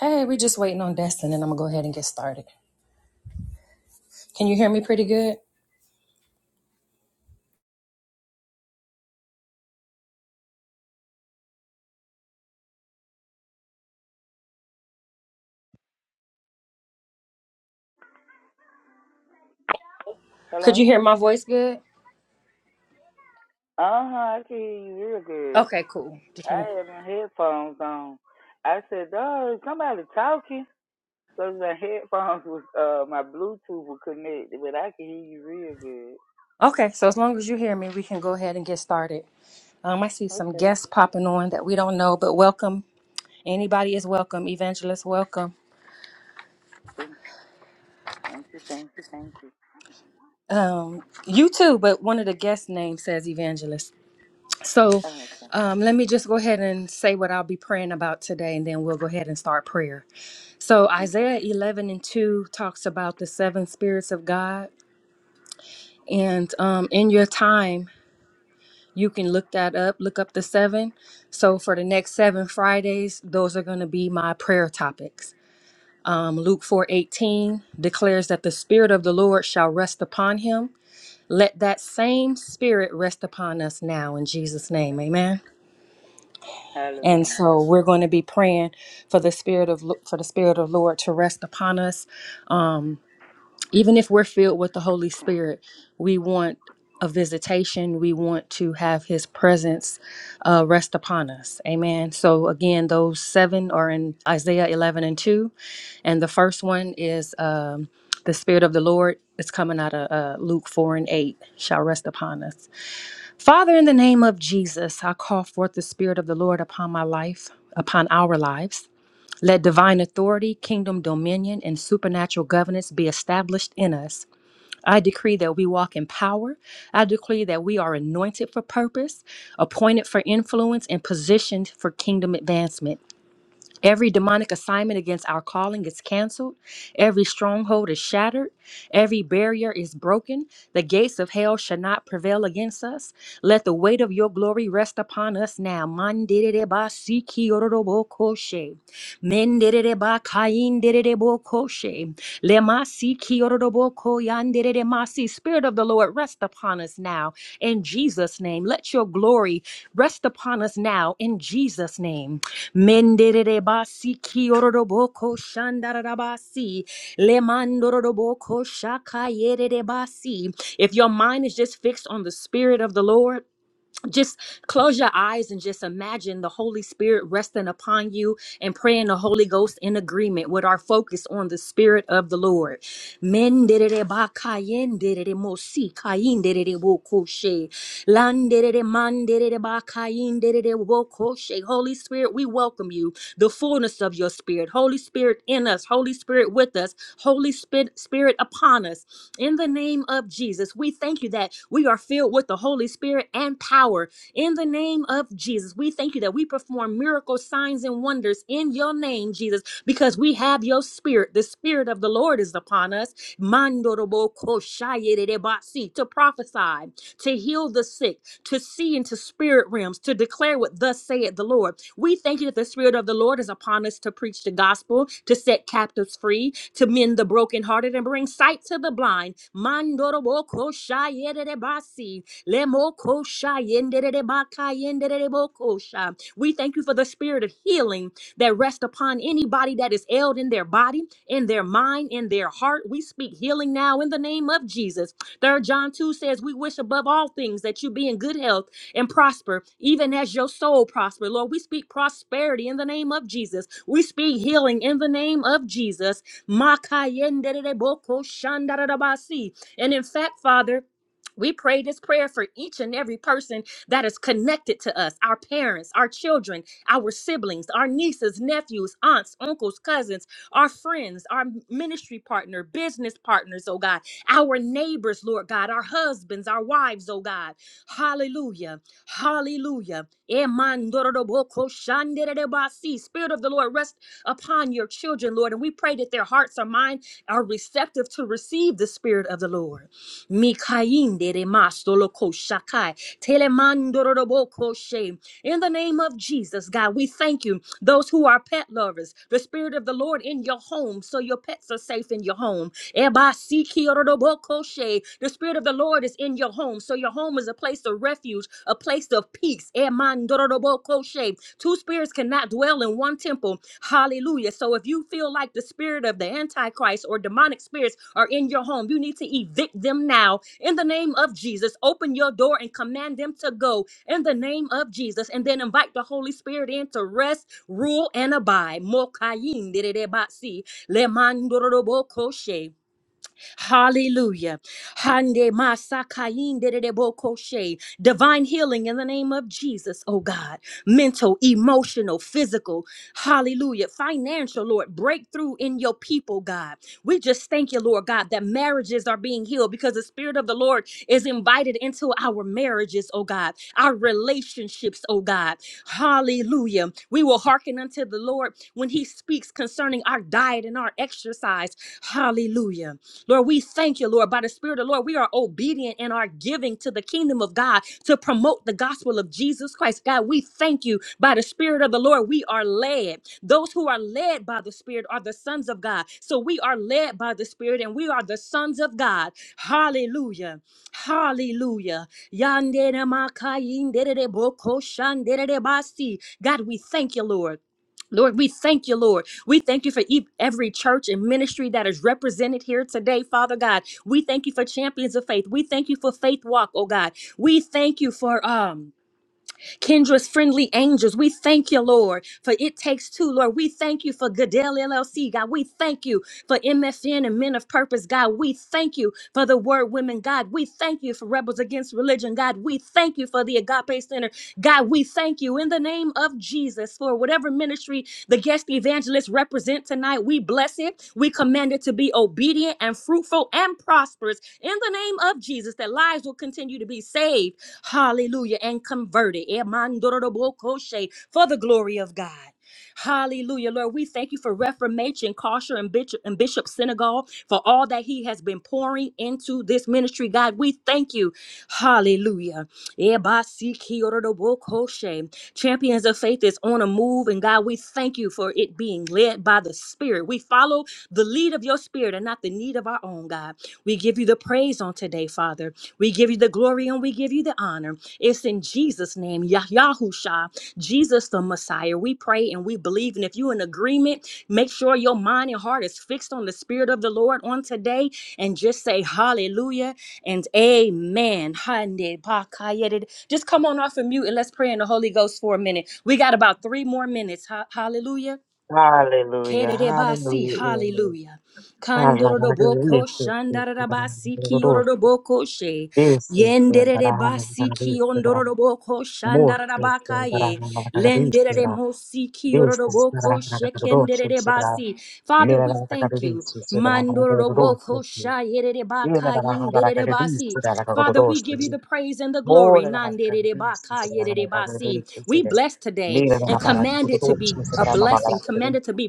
Hey, we're just waiting on Destin, and I'm gonna go ahead and get started. Can you hear me pretty good? Could you hear my voice good? Okay, cool. Just wanna- Okay, so as long as you hear me, we can go ahead and get started. Um, I see some guests popping on that we don't know, but welcome. Anybody is welcome. Evangelist, welcome. Um, you too, but one of the guest names says Evangelist. So um, let me just go ahead and say what I'll be praying about today, and then we'll go ahead and start prayer. So Isaiah 11 and 2 talks about the seven spirits of God. And um, in your time, you can look that up, look up the seven. So for the next seven Fridays, those are going to be my prayer topics. Um, Luke 4 18 declares that the Spirit of the Lord shall rest upon him. Let that same Spirit rest upon us now in Jesus' name. Amen. And so we're going to be praying for the spirit of Lo- for the spirit of Lord to rest upon us. Um, even if we're filled with the Holy Spirit, we want a visitation. We want to have His presence uh, rest upon us. Amen. So, again, those seven are in Isaiah 11 and 2. And the first one is um, the Spirit of the Lord. It's coming out of uh, Luke 4 and 8 shall rest upon us. Father, in the name of Jesus, I call forth the Spirit of the Lord upon my life, upon our lives. Let divine authority, kingdom dominion, and supernatural governance be established in us I decree that we walk in power. I decree that we are anointed for purpose, appointed for influence, and positioned for kingdom advancement. Every demonic assignment against our calling is canceled. Every stronghold is shattered. Every barrier is broken. The gates of hell shall not prevail against us. Let the weight of your glory rest upon us now. Mandiriribasikiororobokoshe. Mendiriribakaindiriribokoshe. Lemasikiororobokoyandiriremasi. Spirit of the Lord, rest upon us now. In Jesus' name, let your glory rest upon us now. In Jesus' name. Menderebasi kioroboko shandarabasi. Lemandoroboko shakayerebasi. If your mind is just fixed on the Spirit of the Lord, just close your eyes and just imagine the Holy Spirit resting upon you and praying the Holy Ghost in agreement with our focus on the Spirit of the Lord. Men derere ba kayen derere mo si kayin derere wo koshe. Lan derere man derere ba kayin derere wo koshe. Holy Spirit, we welcome you, the fullness of your Spirit. Holy Spirit in us, Holy. Holy Spirit with us, Holy Spirit Spirit upon us. In the name of Jesus, we thank you that we are filled with the Holy Spirit and power. In the name of Jesus, we thank you that we perform miracles, signs, and wonders in your name, Jesus, because we have your spirit. The spirit of the Lord is upon us. Mandorobo koshayedebasi, To prophesy, to heal the sick, to see into spirit realms, to declare what thus saith the Lord. We thank you that the Spirit of the Lord is upon us to preach the gospel, to set captives free, to mend the brokenhearted, and bring sight to the blind. Mandoroboko shayererebasi, lemoko shayendererebakayenderereboko sha. We thank you for the spirit of healing that rests upon anybody that is ailed in their body, in their mind, in their heart. We speak healing now in the name of Jesus. Third John 2 says, We wish above all things that you be in good health and prosper, even as your soul prosper. Lord, we speak prosperity in the name of Jesus. We speak healing in the name of Jesus. Makayenderebokoshandarabasi. And in fact, Father, we pray this prayer for each and every person that is connected to us our parents, our children, our siblings, our nieces, nephews, aunts, uncles, cousins, our friends, our ministry partner, business partners, oh God our neighbors, Lord God, our husbands, our wives, oh God. Hallelujah. Hallelujah. Emandoroboko shanderebasi. Spirit of the Lord, rest upon your children, Lord. And we pray that their hearts or mind are receptive to receive the Spirit of the Lord. Mikainderemasoloko shakai. Telemandoroboko she. In the name of Jesus, God, we thank you. Those who are pet lovers, the Spirit of the Lord in your home, so your pets are safe in your home. Ebasikiorobokoshe. The Spirit of the Lord is in your home. So your home is a place of refuge, a place of peace. Emandorobokoshe. Two spirits cannot dwell in one temple. Hallelujah. So if you feel like the spirit of the Antichrist or demonic spirits are in your home, you need to evict them now. In the name of Jesus, open your door and command them to go. In the name of Jesus, and then invite the Holy Spirit in to rest, rule, and abide. Mokayindiridebasi, lemandorobokoshe. Hallelujah. Hande masakainde de boko she. Divine healing in the name of Jesus, oh God. Mental, emotional, physical. Hallelujah. Financial, Lord. Breakthrough in your people, God. We just thank you, Lord God, that marriages are being healed because the Spirit of the Lord is invited into our marriages, oh God, our relationships, oh God. Hallelujah. We will hearken unto the Lord when He speaks concerning our diet and our exercise. Hallelujah. Lord, we thank you, Lord. By the Spirit of the Lord, we are obedient in our giving to the kingdom of God to promote the gospel of Jesus Christ. God, we thank you. By the Spirit of the Lord, we are led. Those who are led by the Spirit are the sons of God. So we are led by the Spirit and we are the sons of God. Hallelujah. Hallelujah. Yandere makayindere boko shandere basi. God, we thank you, Lord. Lord, we thank you, Lord. We thank you for e- every church and ministry that is represented here today, Father God. We thank you for champions of faith. We thank you for faith walk, oh God. We thank you for um Kendra's friendly angels. We thank you, Lord, for it takes two, Lord. We thank you for Goodell LLC, God. We thank you for MFN and Men of Purpose, God. We thank you for the Word Women, God. We thank you for Rebels Against Religion, God. We thank you for the Agape Center. God, we thank you in the name of Jesus for whatever ministry the guest evangelists represent tonight. We bless it. We command it to be obedient and fruitful and prosperous in the name of Jesus, that lives will continue to be saved. Hallelujah. And converted. Emandorobokoshe, For the glory of God. Hallelujah, Lord. We thank you for Reformation, Kosher, and Bishop, and Bishop Senegal for all that he has been pouring into this ministry, God. We thank you. Hallelujah. Ebasikiorobokoshe. Champions of Faith is on a move, and God, we thank you for it being led by the Spirit. We follow the lead of your Spirit and not the need of our own, God. We give you the praise on today, Father. We give you the glory and we give you the honor. It's in Jesus' name, Yah- Yahusha. Jesus the Messiah. We pray and we believe. And if you're in agreement, make sure your mind and heart is fixed on the Spirit of the Lord on today and just say hallelujah and amen. Hande bakayede. Just come on off of mute and let's pray in the Holy Ghost for a minute. We got about three more minutes. Ha- hallelujah. Hallelujah. Kerebasi, Hallelujah. Amen. hallelujah. Hallelujah. Yes, Kandoroboko yes, yes. shandarabasi Hallelujah. kioroboko she. Yes, yes, yes. Yenderebasi Hallelujah. kiondoroboko More, yes, yes. shandarabaka ye. Hallelujah. Yes, Lendere mosi yes. kioroboko Hallelujah. Yes, yes. shekenderebasi. Father, we thank you. Mandoroboko shayerebaka yenderebasi. Father, we give you the praise and the glory. We bless today Mira and la baraka, tutto commanded to be dolce, a sembra una blessing, baraka, commanded to be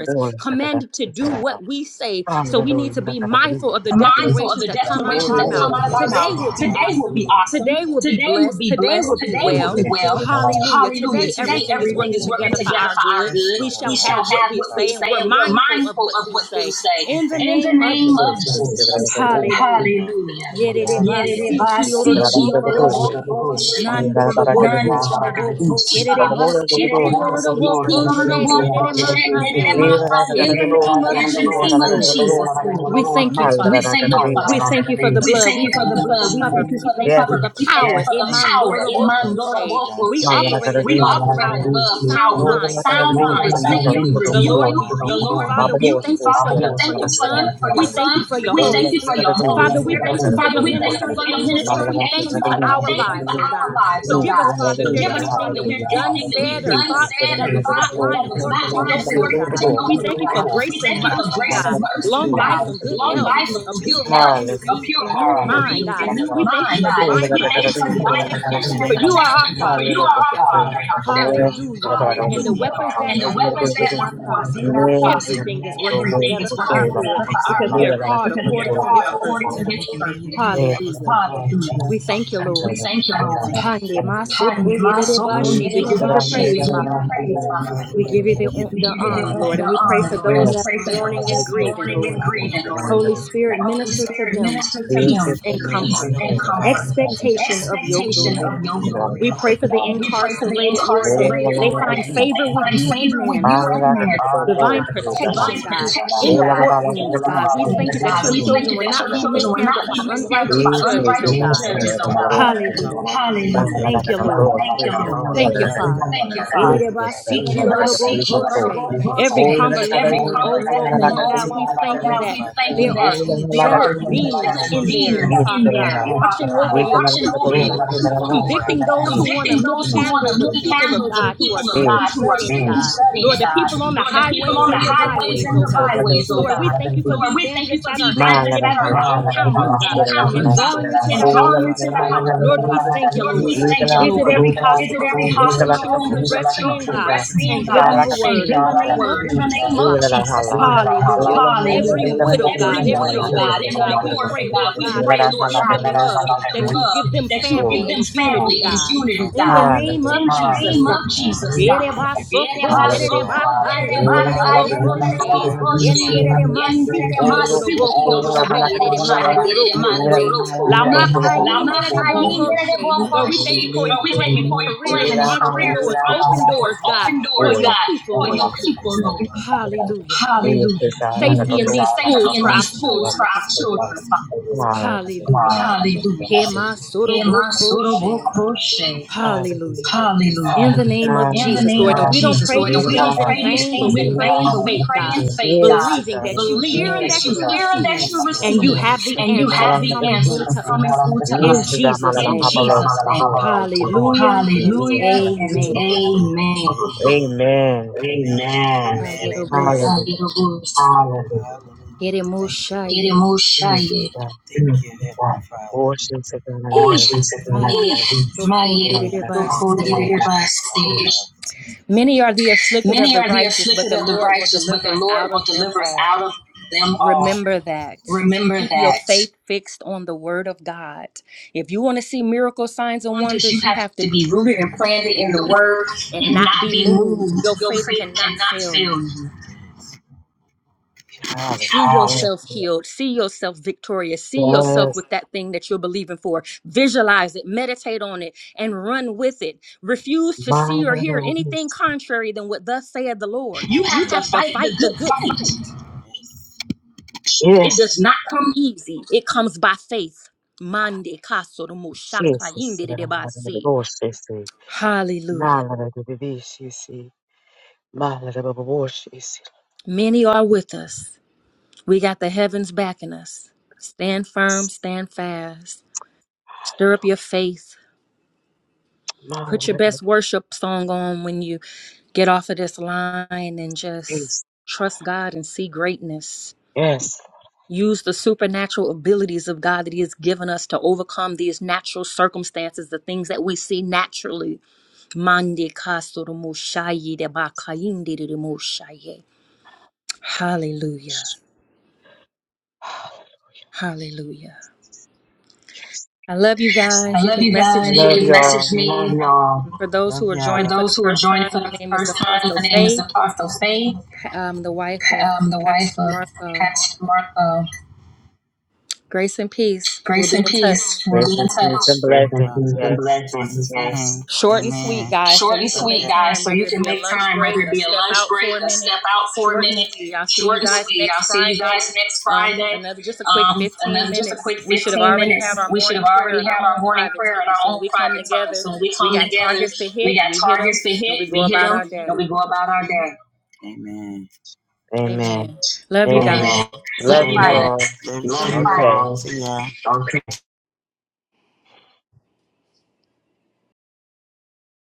tutto commanded to do dolce, what we say. So we need Hallelujah. to be mindful of the mindful of declarations the that come out of declarations our that come mouth. out of our Today will mouth. be Today will awesome. be awesome. Today will be Today will blessed. be Today blessed. will be Today will well. be well. Hallelujah. Hallelujah. Today, Today everything is everything working is working together for together our for our good. good. We We shall shall have what have we what we say, and say we're and we're mindful of mindful what of we what we say. say. In the In the name of name of Jesus. Jesus. Hallelujah. Hallelujah. Yerere Yerebasi basi ki yororo koshe. bokoşe. Nana yororo Nandorobokosha. bokoşa. Kerebasi Yerere basi ki yororo kiorobokoshe. bokoşe. Nerere makaye. makaye. In the name of In the Jesus, name of Lord, Jesus, we Lord. thank you, Father. We thank you, Father. We thank you for the We blood. thank We you for thank the you for blood. the We thank covering. you We for the thank you Yes. for covering. the We thank you power. for the power. in Emandoro Emandorobokoshe. We bokoşe. Mamma operate We in Karate, love, operate power in with a love sound power no with the mind. sound Satan, we mind. rebuke Satan, we you. The rebuke you. Lord, we The rebuke you. Lord Father, we rebuke you, thank you for Father. We your for thank you your for your, son. for your We thank you son. for your We Holy thank you for Spirit. your Holy Father, we Spirit. thank you for Father, your we thank you ministering for your angels, and ministering we angels. thank you for God, we our thank you lives, for oh our God. lives, oh Forgive God. us, Father, if there's Forgive us, anything Father, that if there's we've done, anything that said, we've or done, thought said, or that does thought not line that was not according to mine your will, according to God. your will, We oh thank you for God. We grace and thank you for mercy, grace God. and mercy, Long oh God. life and good Long health life and a pure good heart health, and a, a re- pure a heart, new and a mind, God. renewed We thank you mind, for God. divine We thank you provision for and divine protection, protection and for you are protection, our for Father you and are our our Shepherd. Father and our Shepherd. Hallelujah. And the weapons Hallelujah. And that the were weapons formed that did Hallelujah. were not formed did prosper. not Yes. Yes. prosper Everything is working everything together is for working our good together for our because we are good called because we are according to his called according purpose. to his purpose. Hallelujah. We thank you, Hallelujah. We Lord. thank you, Yes. Lord. Hande Hallelujah. masoko My cool, yerebashi. yeah, yeah, We give you yeah, the We praise, give you the Father. praise, Father. We give you the, We the give you honor, the, Lord. And the we pray honor, for Lord, and those we that Yes. pray are for 뭔가 those mourning 그런 and that's 것도 grieving, 없어요. mourning and Lord. grieving, Lord. 나가는 Holy 것도 Spirit, Let Holy minister 없어요. to Spirit them minister to them peace 그래서 and 저는 한 peace comfort, 번에 and 가지고 comfort, expectation of your expectation glory, 의미는 of God. your 그렇게 나가는 glory. 것 We pray 같아요. for the We pray for the incarcerated, Lord, that 모으는 걸로 incarcerated, they 하는 Lord, find that 사람도 favor 있어요. with they find you and favor with man, you you Father in 말라가 God. 그것도 없고 Divine 있습니다. protection, Divine God, protection, in the 몰라가 God. 말라가 In the courtrooms, 그것도 God. We thank 있어요. you performance, God. that your We 맞아요. 그래서 thank children you will that your not 내가 be children 그걸 will not mishandled be by mishandled by unrighteous 네, judges, oh 실제로 unrighteous 나가서 God. judges, oh God. 나가는 Hallelujah. Mala Hallelujah. Thank you, Lord. Thank you, Lord. Thank you, Father. Thank you, Father. Every Erereba-siki-ororobokoshe. Every convalescent and old folk convalescent and home, old God, we folks, Father thank you God, we that thank you there that are there are angelic beings angelic in there, demons in Father God, there, Father watching God, over your watching people, over you, Lord, Lord, convicting those who want to convicting those who want to mishandle the people of mishandle the God the who people are of sick God and who shut are in, sick and God. studying, Lord, the God. people on the Lord, the people highways on the and the highways byways, and oh the God. byways, oh Lord, God. we thank you for the Lord, we thank you evangelists for that the are out evangelists that giving are them out in encounters, the God, and encounters, God, drawing them into and the house drawing of into the God. house, Lord, we God. thank you, Lord, we Lord. thank you, Visit Lord. every Ikalakatarusha, Visit hospital every room that your hospital room children that rest your Ikalakatarusha, in, children Sita, God, rest in, and God, give them and a give word in them the Kalakatarusha, the name word of in the name Jesus, of Father. Jesus, Ilalahala, Father. Hallelujah. Ilalahala, Every Hallelujah. widow, Ikalakatarusha, God, Every every Ilalahala, widow, God, orphan, every God, we orphan, pray, God, Lord we God, pray, that you Lord give God, them that love, Ikalakatarusha, you give them that you love, give them that you give family them and family unity, and God. unity, In the God. name In of the Jesus, name Hallelujah, of God. Jesus, God. Yere Lord, we basoko, yere Hallelujah. baka, Ola yendere malaka de boko bisti de she, la malaka de yendere bisti. masiki Olo oro boko koko la sha, malaka yere de mandoro bisti. Ola se, la malaka maka yendere boko she. Lord, we de thank you for bisti. thank employment you and for employment careers and and Hallelujah. careers Hallelujah. and entrepreneurs. Open entrepreneurs, doors, God, open for doors, your God, people, for your Lord. people, Lord. Hallelujah. Hallelujah. Safety in these Safety schools in for our these schools for children, Father. our children, Father. Hallelujah. Hallelujah. Kemasoro boko she. Hemasorobokroshe. Hallelujah. In Hallelujah. the name of In the Jesus, name Lord. And of we don't Jesus, pray Lord. these And we don't things in pray these vain, but things we in vain, pray in but we faith, pray God, in faith, Yes, God, believing that you hear believing and that that you you hear and that receive, you and you have receive, the and you answers have the coming through answers to coming us. through to In us. the Jesus' In name. Jesus' name. Hallelujah and Hallelujah and amen. amen. Amen. Amen. Amen. Kayerobos, Hallelujah. Hallelujah. Hallelujah. Thank keremoshaye. you. Hallelujah. it, Moshiach. Boşluk sekanlara Hee, kadar Ocean değil. Second maye Maya Sekanlara kadar basokoyerebase. boş. Tokodidibasti. Many are the afflicted of Many the are the righteous, but afflicted the of the Lord will righteous, but deliver the us Lord out will of them deliver us all. out of them all. Remember that. Remember Keep your that. faith fixed on the word of God. If you want to see miracle signs and Wonders you wonders, you have have to to be be rooted rooted and and planted planted in in the the word word and and not not be be moved. moved. Your Your faith faith cannot cannot fail fail you. you. See yourself Hallelujah. healed. See yourself victorious. See yourself Yes, with that thing that you're believing for. Visualize it, meditate on it, and run with it. Refuse to see or hear Mağaralara anything biz. contrary than what thus saith the Lord. You You have to have to fight the fight the good good fight. fight. Yes. It It yes, does does not not come. come easy. It comes by faith. Mande kaso de mushaka Jesus, yinde de Sekanlara debasi. boş sesi. Hallelujah. Mağaralara kadar değil sesi. Mağaralara baba boş sesi. Many are with us. We got the heavens backing us. Stand firm, yes, stand fast. Stir up your faith. Put your Mağaralara kadar best worship song on when you get off of this line and just biz. trust God and see greatness. yes. Use the supernatural abilities of God that He has given us to overcome these natural circumstances, the things that we see naturally Mande kasoro moshaye de bakayinde de moshaye. Hallelujah. Hallelujah. Yes. I love you guys. I You love can you I message guys. You Love can me. message y'all. me. Um, Love y'all. for those Love who are y'all. For joining for the those who are first joining time, for my the name is first time, Apostle my name is Faith, Apostle Faye, um, the wife of um, the wife Pastor of Marco. Pastor Marco. Grace and peace. We'll Grace be and in peace. touch. We'll Grace be in and peace touch. and Blessings blessings. and Yes. blessings. Short and sweet, guys, so Short you and can sweet, make guys, time, so whether you it can be a make lunch time, break, whether it a be a step lunch out break, for a a minute. step out for a Short and minute. sweet. I'll see Short you and guys sweet. I'll next see you Friday. guys next Um, Friday. another just a quick Um, 15 another just a minutes. quick We should have 15 already minutes. had our We should morning have prayer already and our had own our morning private prayer in time. So our when own we come private time. together, So when we we come got together, targets to we hit, got we hit them, targets to and hit, we go we hit about our them, day. and we go about our day. Amen. Amen. Love you Amen. Amen. guys. Amen. See Love you Amen. Love you you guys. Friday. all. Love you Bye. Okay. all. See ya.